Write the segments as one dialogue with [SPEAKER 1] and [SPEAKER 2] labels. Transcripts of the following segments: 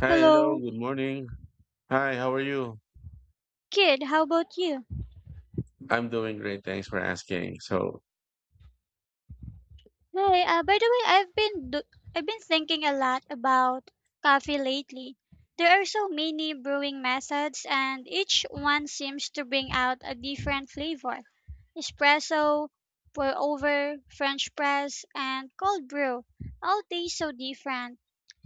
[SPEAKER 1] Hi, hello,
[SPEAKER 2] Hello,
[SPEAKER 1] good morning. Hi, how are you?
[SPEAKER 2] kid. How about you?
[SPEAKER 1] I'm doing great. Thanks for asking. So,
[SPEAKER 2] Hey, by the way, I've been thinking a lot about coffee lately. There are so many brewing methods, and each one seems to bring out a different flavor. Espresso, pour over, French press, and cold brew all taste so different,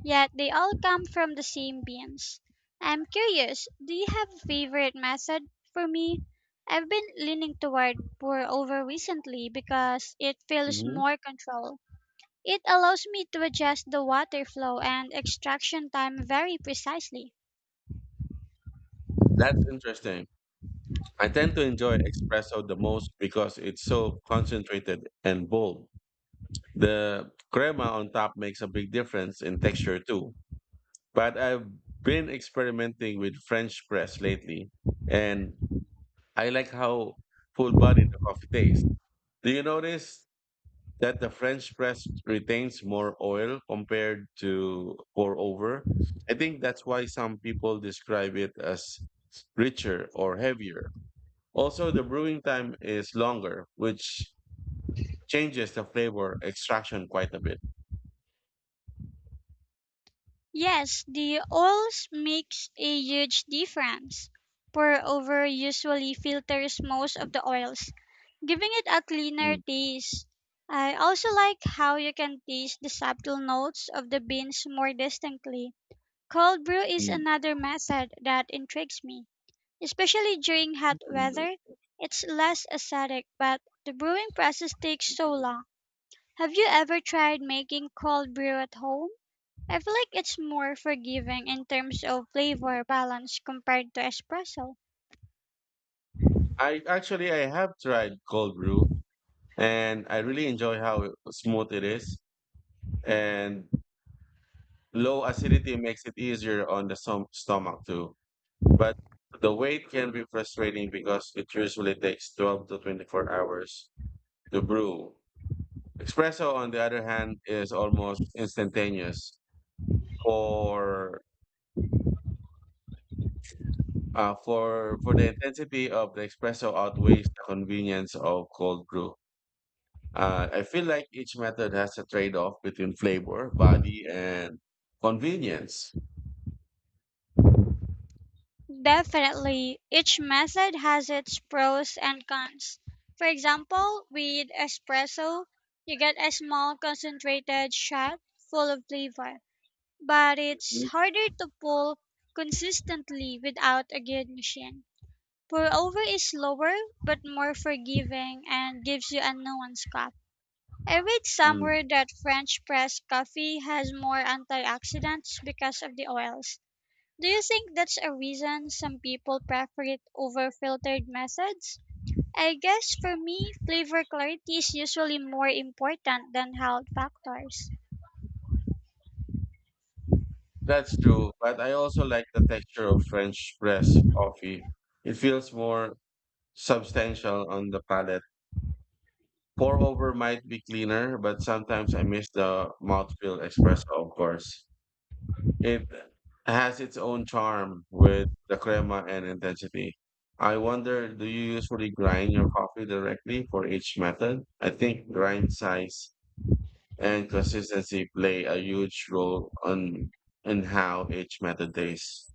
[SPEAKER 2] yet they all come from the same beans. I'm curious, do you have a favorite method for me? I've been leaning toward pour over recently because it feels
[SPEAKER 1] mhm,
[SPEAKER 2] more control. It allows me to adjust the water flow and extraction time very precisely.
[SPEAKER 1] that's interesting. I tend to enjoy espresso the most because it's so concentrated and bold. The crema on top makes a big difference in texture too. But I've been experimenting with French press lately, and I like how full body the coffee tastes. Do you notice that the French press retains more oil compared to pour over? I think that's why some people describe it as richer or heavier. Also, the brewing time is longer, which changes the flavor extraction quite a bit.
[SPEAKER 2] Yes, the oils makes a huge difference. Pour over usually filters most of the oils, giving it a cleaner
[SPEAKER 1] Mm,
[SPEAKER 2] taste. I also like how you can taste the subtle notes of the beans more distinctly. Cold brew is
[SPEAKER 1] mm,
[SPEAKER 2] another method that intrigues me. Especially during hot
[SPEAKER 1] mm.
[SPEAKER 2] weather, it's less acidic, but the brewing process takes so long. Have you ever tried making cold brew at home? I feel like it's more forgiving in terms of flavor balance compared to espresso.
[SPEAKER 1] I have tried cold brew, and I really enjoy how smooth it is, and low acidity makes it easier on the stomach too. But the wait can be frustrating because it usually takes 12 to 24 hours to brew. Espresso, on the other hand, is almost instantaneous. For for the intensity of the espresso outweighs the convenience of cold brew. I feel like each method has a trade-off between flavor, body, and convenience.
[SPEAKER 2] Definitely, each method has its pros and cons. For example, with espresso, you get a small concentrated shot full of flavor, but it's
[SPEAKER 1] Mm,
[SPEAKER 2] harder to pull consistently without a good machine. Pour over is slower, but more forgiving and gives you a nuanced cup. I read
[SPEAKER 1] mm.
[SPEAKER 2] somewhere that French press coffee has more antioxidants because of the oils. Do you think that's a reason some people prefer it over filtered methods? I guess for me, flavor clarity is usually more important than health factors.
[SPEAKER 1] That's true, but I also like the texture of French press coffee. It feels more substantial on the palate. Pour over might be cleaner, but sometimes I miss the mouthfeel espresso, of course. It has its own charm with the crema and intensity. I wonder, do you usually grind your coffee directly for each method? I think grind size and consistency play a huge role on in how each method tastes.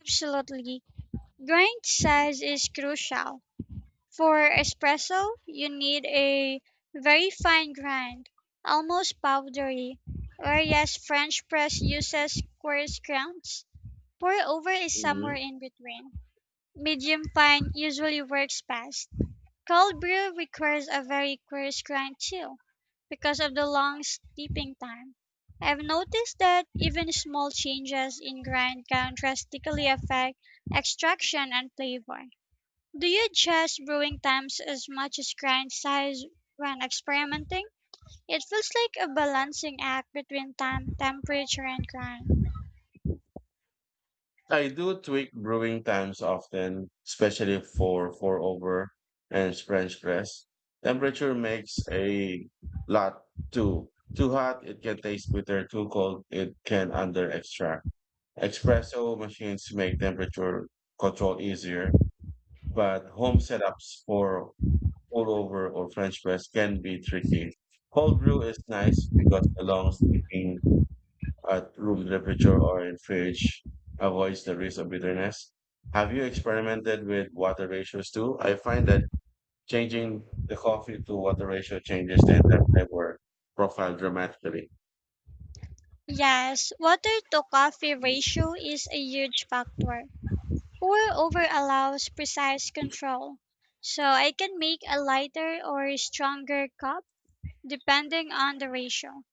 [SPEAKER 2] Absolutely. Grind size is crucial. For espresso, you need a very fine grind, almost powdery, whereas French press uses coarse grounds. Pour over is somewhere in between. Medium fine usually works best. Cold brew requires a very coarse grind too, because of the long steeping time. I've noticed that even small changes in grind can drastically affect extraction and flavor. Do you adjust brewing times as much as grind size when experimenting? It feels like a balancing act between time, temperature, and grind.
[SPEAKER 1] I do tweak brewing times often, especially for pour over and French press. Temperature makes a lot too. Too hot, it can taste bitter. Too cold, it can under extract. Espresso machines make temperature control easier, but home setups for pour over or French press can be tricky. Cold brew is nice because the long steeping at room temperature or in fridge avoids the risk of bitterness. Have you experimented with water ratios too? I find that changing the coffee to water ratio changes the entire flavor profile dramatically.
[SPEAKER 2] Yes, water to coffee ratio is a huge factor. Pour over allows precise control, so I can make a lighter or stronger cup depending on the ratio.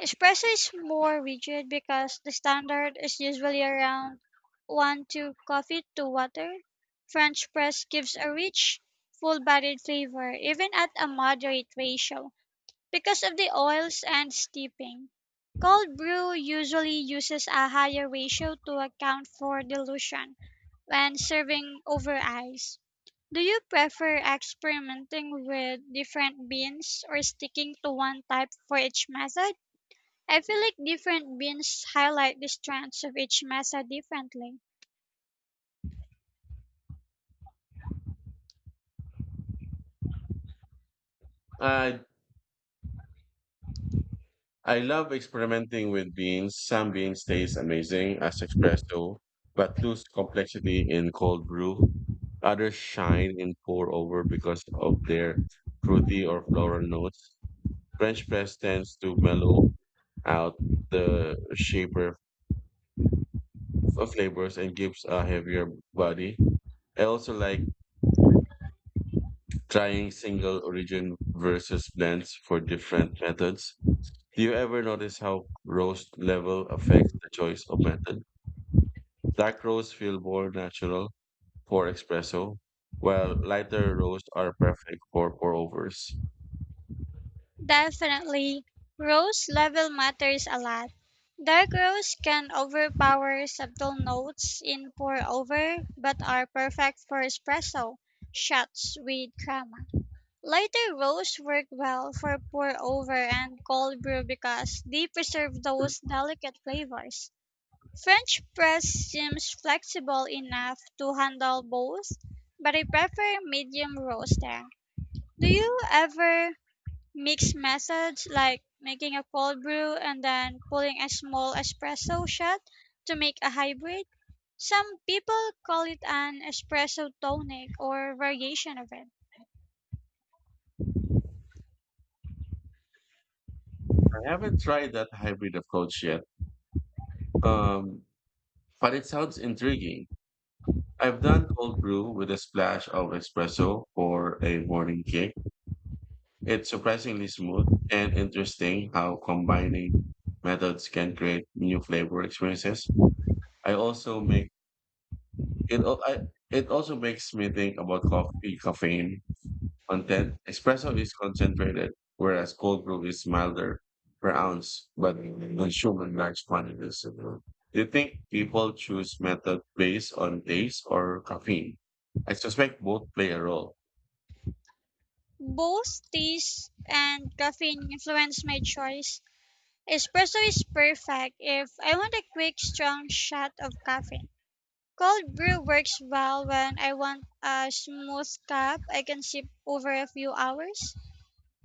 [SPEAKER 2] Espresso is more rigid because the standard is usually around 1 to coffee to water. French press gives a rich, full-bodied flavor even at a moderate ratio because of the oils and steeping. Cold brew usually uses a higher ratio to account for dilution when serving over ice. Do you prefer experimenting with different beans or sticking to one type for each method? I feel like different beans highlight the strengths of each masa differently.
[SPEAKER 1] I I love experimenting with beans. Some beans taste amazing as espresso, but lose complexity in cold brew. Others shine in pour over because of their fruity or floral notes. French press tends to mellow out the shaper of flavors and gives a heavier body. I also like trying single origin versus blends for different methods. Do you ever notice how roast level affects the choice of method? Dark roasts feel more natural for espresso, while lighter roasts are perfect for pour overs.
[SPEAKER 2] Definitely, rose level matters a lot. Dark rose can overpower subtle notes in pour over, but are perfect for espresso shots with crema. Lighter rose work well for pour over and cold brew because they preserve those delicate flavors. French press seems flexible enough to handle both, but I prefer medium roasting. Do you ever mix methods like making a cold brew and then pulling a small espresso shot to make a hybrid? Some people call it an espresso tonic or variation of it.
[SPEAKER 1] I haven't tried that hybrid approach yet, um, but it sounds intriguing. I've done cold brew with a splash of espresso for a morning kick. It's surprisingly smooth and interesting how combining methods can create new flavor experiences. I also make it al- I, it also makes me think about coffee caffeine content. Espresso is concentrated, whereas cold brew is milder per ounce, but consumed in large quantities. Do you think people choose method based on taste or caffeine? I suspect both play a role.
[SPEAKER 2] Both taste and caffeine influence my choice. Espresso is perfect if I want a quick, strong shot of caffeine. Cold brew works well when I want a smooth cup I can sip over a few hours.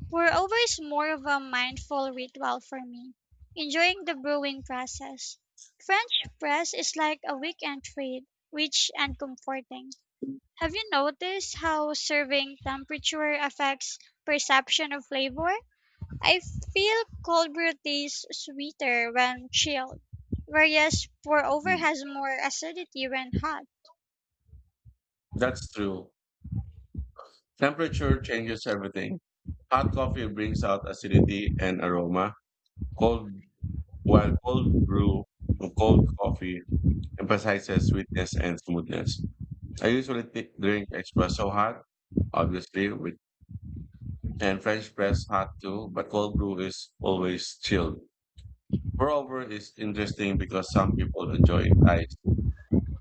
[SPEAKER 2] Pour over is more of a mindful ritual for me, enjoying the brewing process. French press is like a weekend treat, rich and comforting. Have you noticed how serving temperature affects perception of flavor? I feel cold brew tastes sweeter when chilled, whereas pour over
[SPEAKER 1] Mm,
[SPEAKER 2] has more acidity when hot.
[SPEAKER 1] That's true. Temperature changes everything. Hot coffee brings out acidity and aroma. Cold, while cold brew or cold coffee emphasizes sweetness and smoothness. I usually drink espresso hot, obviously, with and French press hot too, but cold brew is always chilled. Moreover, it's interesting because some people enjoy it iced,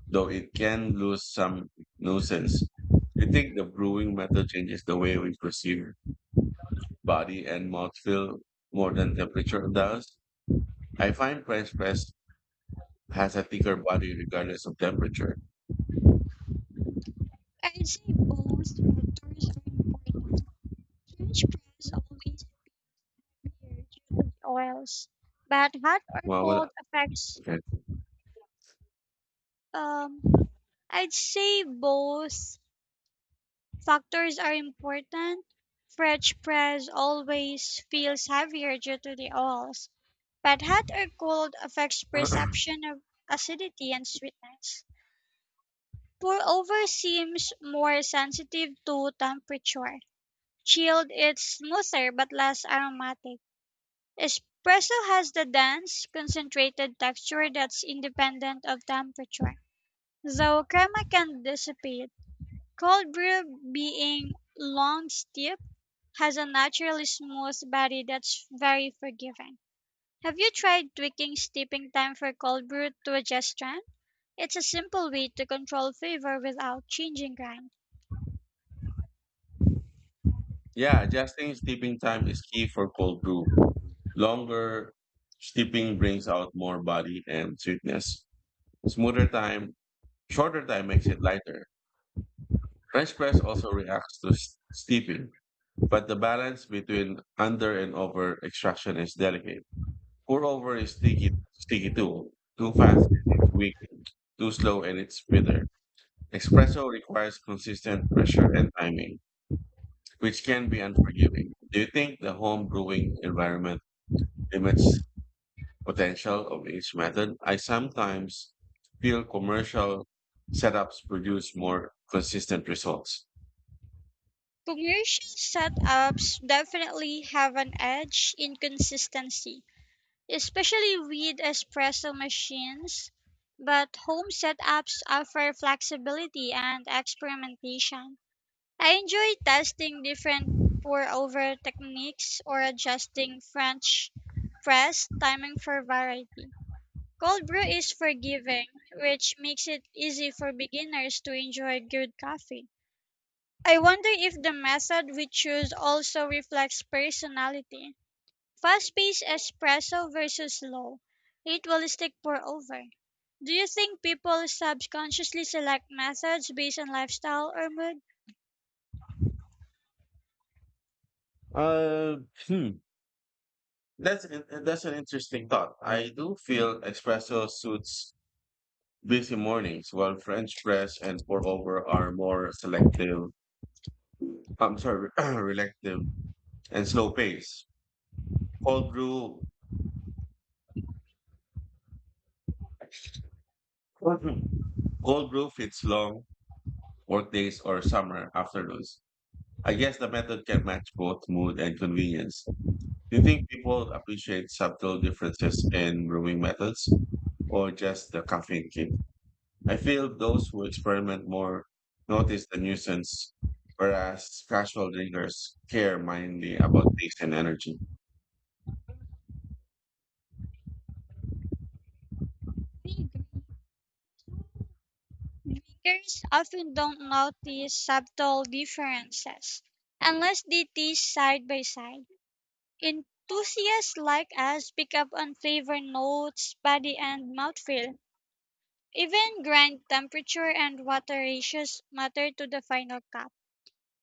[SPEAKER 1] though it can lose some nuisance. I think the brewing method changes the way we perceive body and mouthfeel more than temperature does. I find French press has a thicker body regardless of temperature.
[SPEAKER 2] I'd say both factors are important. French fries always appear weird due to the oils, but hot or cold
[SPEAKER 1] Wala.
[SPEAKER 2] affects.
[SPEAKER 1] Okay.
[SPEAKER 2] Um, I'd say both factors are important. French fries always feels heavier due to the oils, but hot or cold affects perception of acidity and sweetness. Pour over seems more sensitive to temperature. Chilled, it's smoother but less aromatic. Espresso has the dense, concentrated texture that's independent of temperature, though crema can dissipate. Cold brew, being long steep, has a naturally smooth body that's very forgiving. Have you tried tweaking steeping time for cold brew to adjust strength? It's a simple way to control flavor without changing grind.
[SPEAKER 1] Yeah, adjusting sleeping time is key for cold brew. Longer steeping brings out more body and sweetness. Smoother time, shorter time makes it lighter. French press also reacts to steeping, but the balance between under and over extraction is delicate. Pour over is sticky, sticky too. Too fast and it's weak. Too slow and it's bitter. Espresso requires consistent pressure and timing, which can be unforgiving. Do you think the home brewing environment limits potential of each method? I sometimes feel commercial setups produce more consistent results.
[SPEAKER 2] Commercial setups definitely have an edge in consistency, especially with espresso machines, but home setups offer flexibility and experimentation. I enjoy testing different pour over techniques or adjusting French press timing for variety. Cold brew is forgiving, which makes it easy for beginners to enjoy good coffee. I wonder if the method we choose also reflects personality. Fast paced espresso versus slow, ritualistic pour over. Do you think people subconsciously select methods based on lifestyle or mood?
[SPEAKER 1] Uh, hmm. That's an interesting thought. I do feel espresso suits busy mornings, while French press and pour over are more selective. I'm sorry, reactive and slow pace. Cold brew, cold brew fits long work days or summer afternoons. I guess the method can match both mood and convenience. Do you think people appreciate subtle differences in brewing methods or just the caffeine kick? I feel those who experiment more notice the nuisance, whereas casual drinkers care mainly about taste and energy.
[SPEAKER 2] We agree. Drinkers often don't notice subtle differences unless they taste side by side. Enthusiasts like us pick up on flavor notes, body, and mouthfeel. Even grind temperature and water ratios matter to the final cup.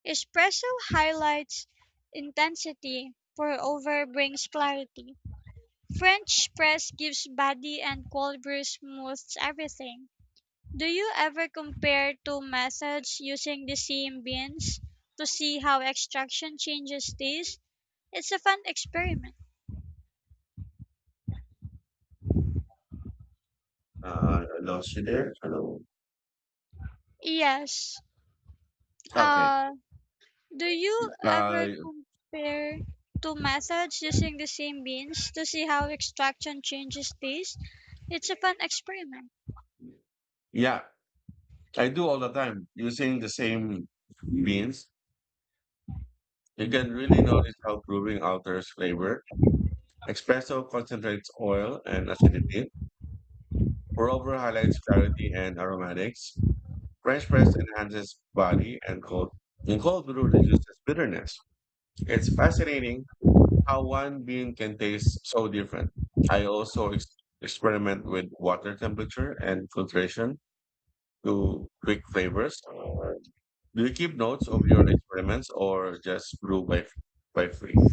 [SPEAKER 2] Espresso highlights intensity, pour over brings clarity. French press gives body and cold brew smooths everything. Do you ever compare two methods using the same beans to see how extraction changes taste? It's a fun experiment.
[SPEAKER 1] I lost you there. Hello.
[SPEAKER 2] Yes.
[SPEAKER 1] Okay.
[SPEAKER 2] Uh Do you ever
[SPEAKER 1] Uh,
[SPEAKER 2] compare two methods using the same beans to see how extraction changes taste? It's a fun experiment
[SPEAKER 1] yeah, I do all the time using the same beans. You can really notice how brewing alters flavor. Espresso concentrates oil and acidity. Moreover, highlights clarity and aromatics. French press enhances body and cold. And cold brew reduces bitterness. It's fascinating how one bean can taste so different. I also experiment with water temperature and filtration to quick flavors. Do you keep notes of your experiments or just brew by free?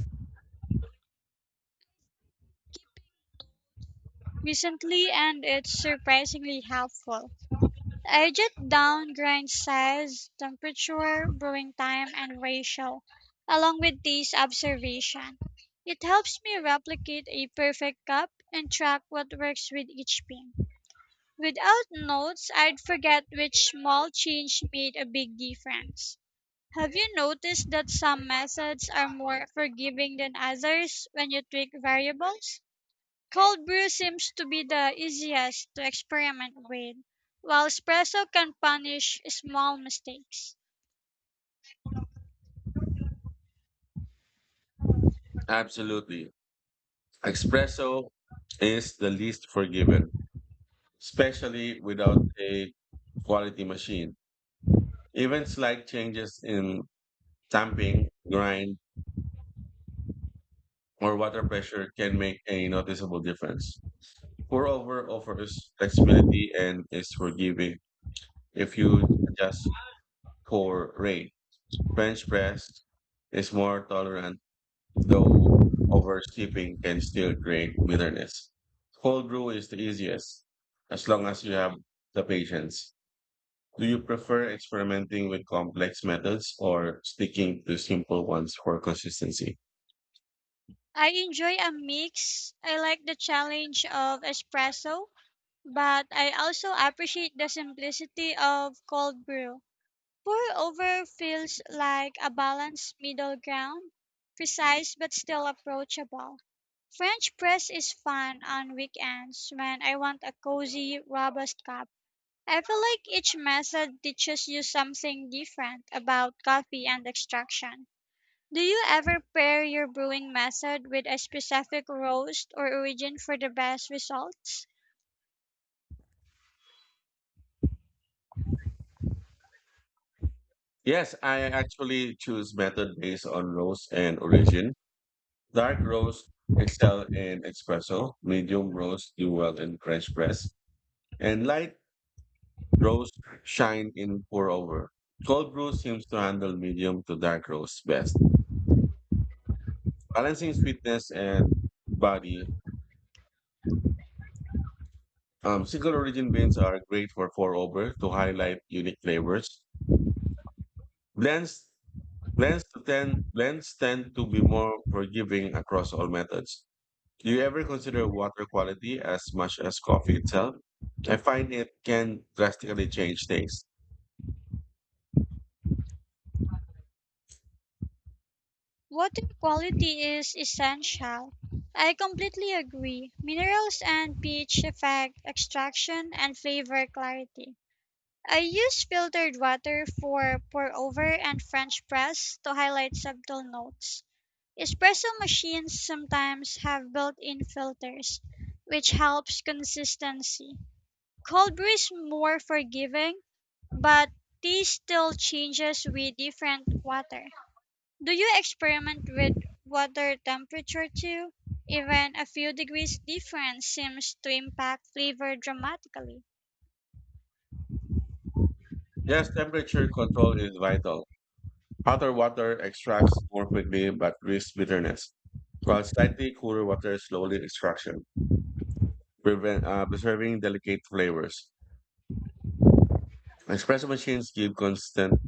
[SPEAKER 2] recently and it's surprisingly helpful. I jot down grind size, temperature, brewing time, and ratio, along with these observation. It helps me replicate a perfect cup and track what works with each bean. Without notes, I'd forget which small change made a big difference. Have you noticed that some methods are more forgiving than others when you tweak variables? Cold brew seems to be the easiest to experiment with, while espresso can punish small mistakes.
[SPEAKER 1] Absolutely. Espresso is the least forgiven, especially without a quality machine. Even slight changes in tamping, grind, or water pressure can make a noticeable difference. Pour-over offers flexibility and is forgiving if you adjust core rate. French press is more tolerant, though oversteeping can still create bitterness. Cold brew is the easiest, as long as you have the patience. Do you prefer experimenting with complex methods or sticking to simple ones for consistency?
[SPEAKER 2] I enjoy a mix. I like the challenge of espresso, but I also appreciate the simplicity of cold brew. Pour over feels like a balanced middle ground, precise but still approachable. French press is fun on weekends when I want a cozy, robust cup. I feel like each method teaches you something different about coffee and extraction. Do you ever pair your brewing method with a specific roast or origin for the best results?
[SPEAKER 1] Yes, I actually choose method based on roast and origin. Dark roast excel in espresso, medium roast do well in French press, and light roast shine in pour over. Cold brew seems to handle medium to dark roast best, balancing sweetness and body. Single origin beans are great for pour over to highlight unique flavors. Blends Lens to tend lens tend to be more forgiving across all methods. Do you ever consider water quality as much as coffee itself? I find it can drastically change taste.
[SPEAKER 2] Water quality is essential. I completely agree. Minerals and pH effect, extraction, and flavor clarity. I use filtered water for pour over and French press to highlight subtle notes. Espresso machines sometimes have built-in filters, which helps consistency. Cold brew is more forgiving, but tea still changes with different water. Do you experiment with water temperature too? Even a few degrees difference seems to impact flavor dramatically.
[SPEAKER 1] Yes, temperature control is vital. Hotter water extracts more quickly but risks bitterness, while slightly cooler water slowly extraction, preserving delicate flavors. Espresso machines give constant,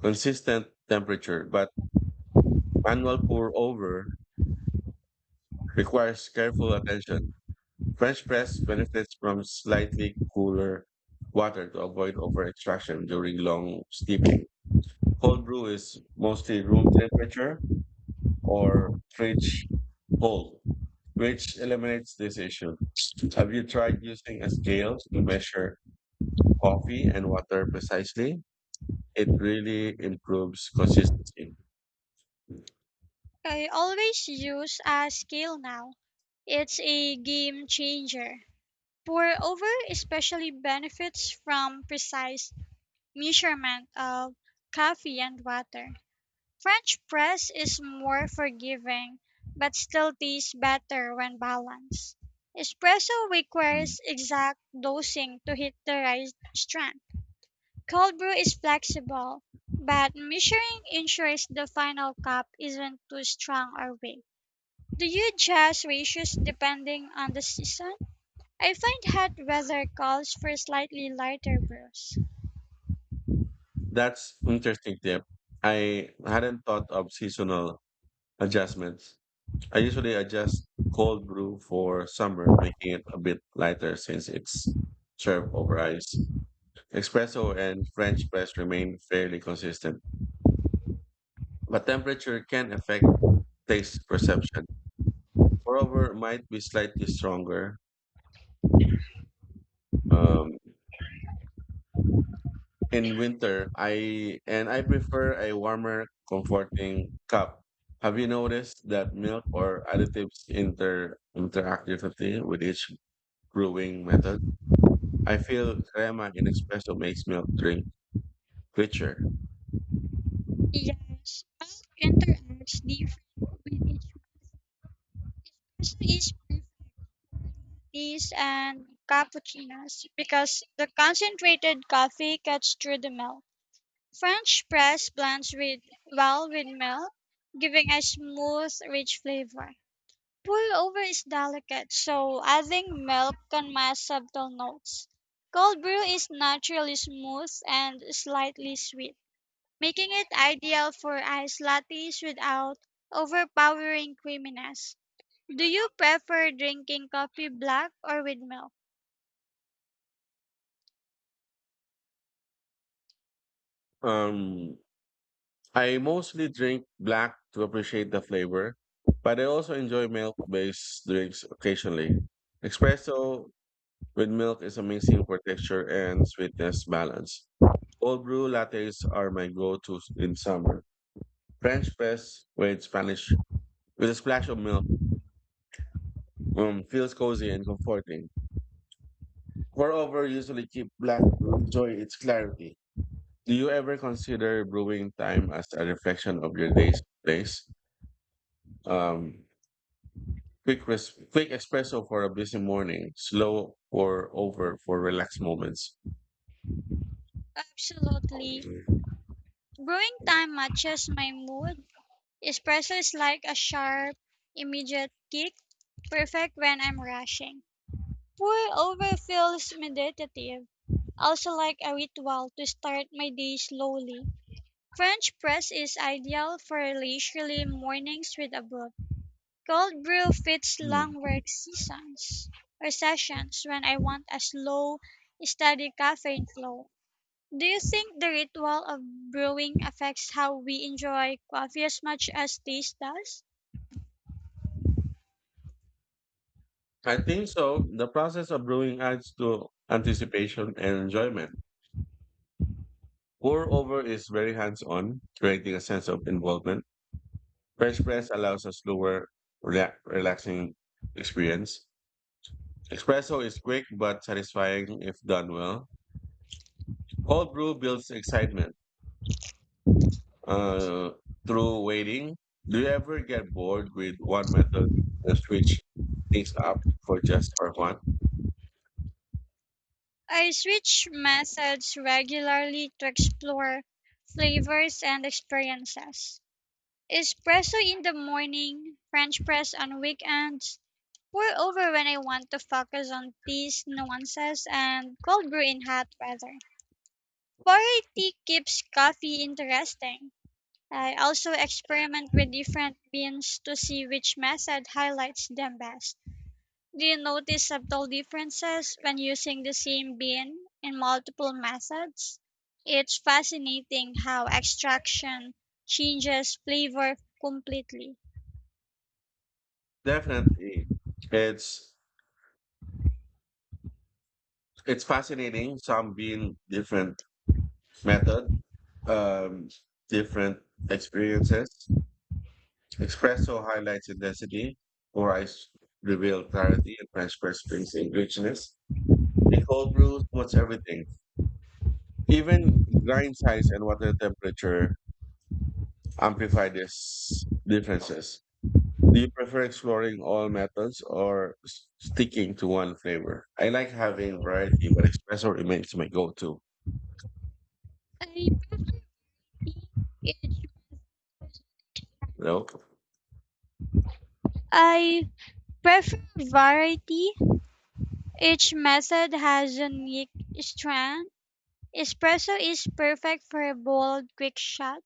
[SPEAKER 1] consistent temperature, but manual pour over requires careful attention. French press benefits from slightly cooler water to avoid over extraction during long steeping. Cold brew is mostly room temperature or fridge cold, which eliminates this issue. Have you tried using a scale to measure coffee and water precisely? It really improves consistency.
[SPEAKER 2] I always use a scale now. It's a game changer. Moreover, especially benefits from precise measurement of coffee and water. French press is more forgiving but still tastes better when balanced. Espresso
[SPEAKER 1] Hmm.
[SPEAKER 2] requires exact dosing to hit the right strength. Cold brew is flexible, but measuring ensures the final cup isn't too strong or weak. Do you adjust ratios depending on the season? I find hot weather calls for slightly lighter brush.
[SPEAKER 1] That's interesting tip. I hadn't thought of seasonal adjustments. I usually adjust cold brew for summer, making it a bit lighter since it's served over ice. Espresso and French press remain fairly consistent, but temperature can affect taste perception. Moreover, it might be slightly stronger. Um, in winter I prefer a warmer comforting cup. Have you noticed that milk or additives interact differently with each brewing method? I feel crema in espresso makes milk drink richer.
[SPEAKER 2] Yes, all interacts different with each other. Espresso is perfect for lattes and cappuccinos because the concentrated coffee cuts through the milk. French press blends with well with milk, giving a smooth, rich flavor. Pour-over is delicate, so adding milk can mask subtle notes. Cold brew is naturally smooth and slightly sweet, making it ideal for iced lattes without overpowering creaminess. Do you prefer drinking coffee black or with milk?
[SPEAKER 1] um I mostly drink black to appreciate the flavor, but I also enjoy milk based drinks occasionally. Espresso with milk is amazing for texture and sweetness balance. Cold brew lattes are my go-tos in summer. French press with Spanish with a splash of milk, feels cozy and comforting. Moreover, usually keep black to enjoy its clarity. Do you ever consider brewing time as a reflection of your day's place? Um, quick espresso for a busy morning, slow pour over for relaxed moments.
[SPEAKER 2] Absolutely. Brewing time matches my mood. Espresso is like a sharp, immediate kick, perfect when I'm rushing. Pour-over feels meditative. I also like a ritual to start my day slowly. French press is ideal for leisurely mornings with a book. Cold brew fits
[SPEAKER 1] Hmm.
[SPEAKER 2] long work seasons or sessions when I want a slow, steady caffeine flow. Do you think the ritual of brewing affects how we enjoy coffee as much as taste does?
[SPEAKER 1] I think so. The process of brewing adds to anticipation and enjoyment. Pour over is very hands on, creating a sense of involvement. French press allows a slower, relaxing experience. Espresso is quick but satisfying if done well. Cold brew builds excitement uh, through waiting. Do you ever get bored with one method and switch things up for just for fun?
[SPEAKER 2] I switch methods regularly to explore flavors and experiences. Espresso in the morning, French press on weekends, pour over when I want to focus on these nuances, and cold brew in hot weather. Variety keeps coffee interesting. I also experiment with different beans to see which method highlights them best. Do you notice subtle differences when using the same bean in multiple methods? It's fascinating how extraction changes flavor completely.
[SPEAKER 1] Definitely, it's it's fascinating. Some being different method, um, different experiences. Espresso highlights intensity, or ice reveal clarity and fresh press brings in richness. In cold brew, what's everything? Even grind size and water temperature amplify these differences. Do you prefer exploring all methods or sticking to one flavor? I like having variety, but espresso remains my go-to.
[SPEAKER 2] I prefer each method.
[SPEAKER 1] You know,
[SPEAKER 2] I prefer variety. Each method has unique strength. Espresso is perfect for a bold, quick shot.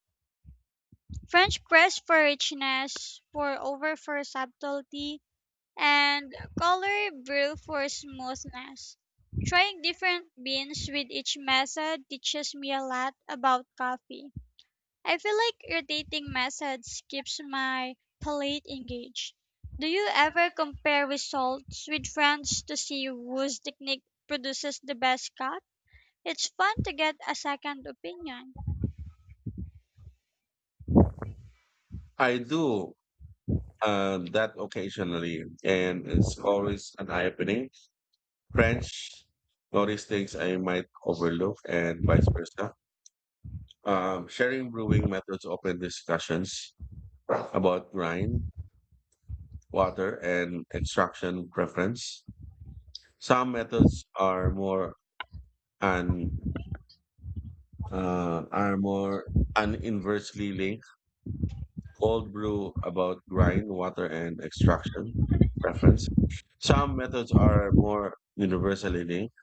[SPEAKER 2] French press for richness, pour over for subtlety, and color brew for smoothness. Trying different beans with each method teaches me a lot about coffee. I feel like your rotating methods keeps my palate engaged. Do you ever compare results with friends to see whose technique produces the best cut? It's fun to get a second opinion.
[SPEAKER 1] I do that occasionally, and it's always an eye-opening. French notice things I might overlook, and vice versa. Sharing brewing methods open discussions about grind, water, and extraction preference. Some methods are more and armor and inversely linked cold brew About grind, water, and extraction preference. Some methods are more universally linked.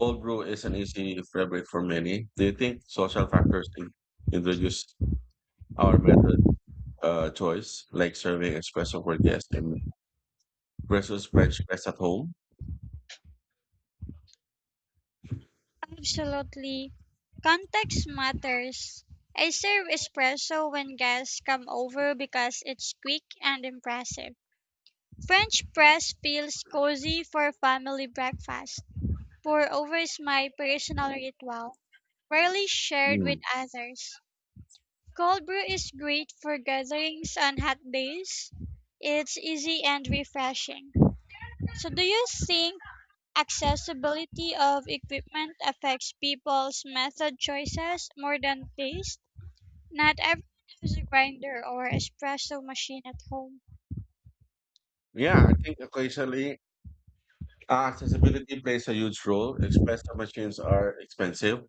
[SPEAKER 1] Cold brew is an easy fabric for many. Do you think social factors introduce our method choice, like serving espresso for guests and versus French press at home?
[SPEAKER 2] Absolutely. Context matters. I serve espresso when guests come over because it's quick and impressive. French press feels cozy for family breakfast. Pour over is my personal ritual, rarely shared
[SPEAKER 1] Mm.
[SPEAKER 2] with others. Cold brew is great for gatherings on hot days. It's easy and refreshing. So, do you think accessibility of equipment affects people's method choices more than taste? Not everyone has a grinder or espresso machine at home.
[SPEAKER 1] Yeah, I think occasionally, accessibility plays a huge role. Espresso machines are expensive.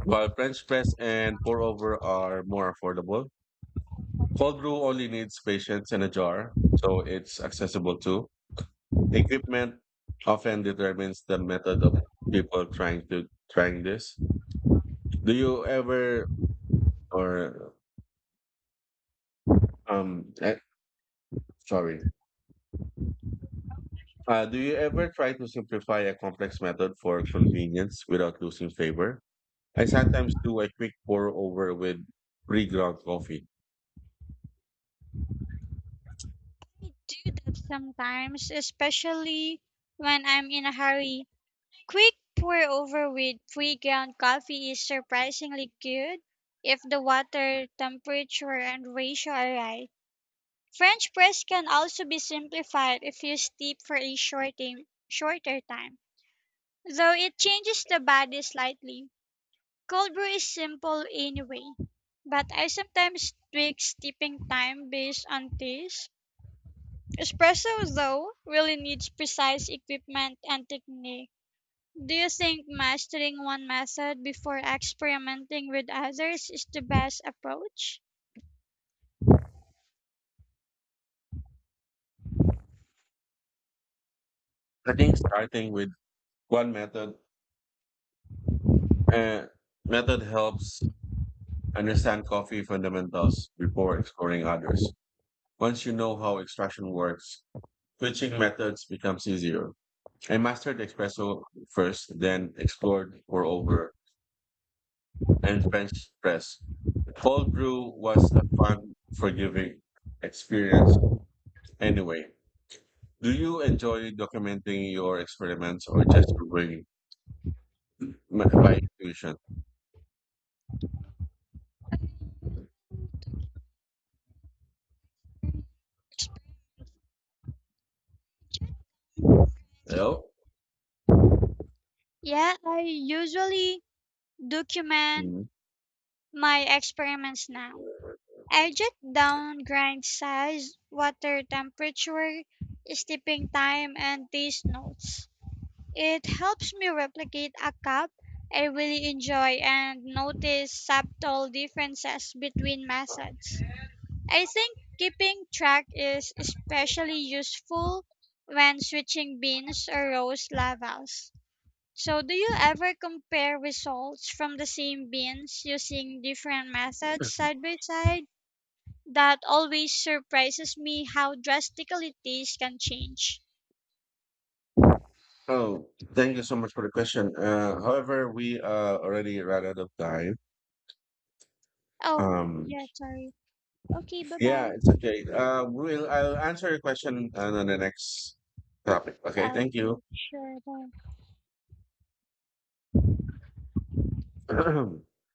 [SPEAKER 1] While French press and pour over are more affordable, cold brew only needs patience and a jar, so it's accessible too. Equipment often determines the method of people trying this. Do you ever or eh, sorry. Do you ever try to simplify a complex method for convenience without losing flavor? I sometimes do a quick pour over with pre-ground coffee.
[SPEAKER 2] I do that sometimes, especially when I'm in a hurry. Quick pour over with pre ground coffee is surprisingly good if the water temperature and ratio are right. French press can also be simplified if you steep for a short time, shorter time, though it changes the body slightly. Cold brew is simple anyway, but I sometimes tweak steeping time based on taste. Espresso, though, really needs precise equipment and technique. Do you think mastering one method before experimenting with others is the best approach?
[SPEAKER 1] I think starting with one method, Uh, method helps understand coffee fundamentals before exploring others. Once you know how extraction works, switching methods becomes easier. I mastered espresso first, then explored pour over and French press. Cold brew was a fun, forgiving experience. Anyway, do you enjoy documenting your experiments or just going by intuition? Oh.
[SPEAKER 2] Yeah, I usually document
[SPEAKER 1] Mhm.
[SPEAKER 2] my experiments now. I jot down grind size, water temperature, steeping time, and taste notes. It helps me replicate a cup I really enjoy and notice subtle differences between methods. I think keeping track is especially useful when switching beans or roast levels. So, do you ever compare results from the same beans using different methods side by side? That always surprises me how drastically taste can change.
[SPEAKER 1] Oh, thank you so much for the question. However, we already ran out of time.
[SPEAKER 2] Oh,
[SPEAKER 1] Um,
[SPEAKER 2] yeah, sorry. Okay, bye
[SPEAKER 1] yeah,
[SPEAKER 2] bye.
[SPEAKER 1] it's okay. We'll I'll answer your question on the next topic. Okay, thank
[SPEAKER 2] Okay,
[SPEAKER 1] you.
[SPEAKER 2] sure. Bye.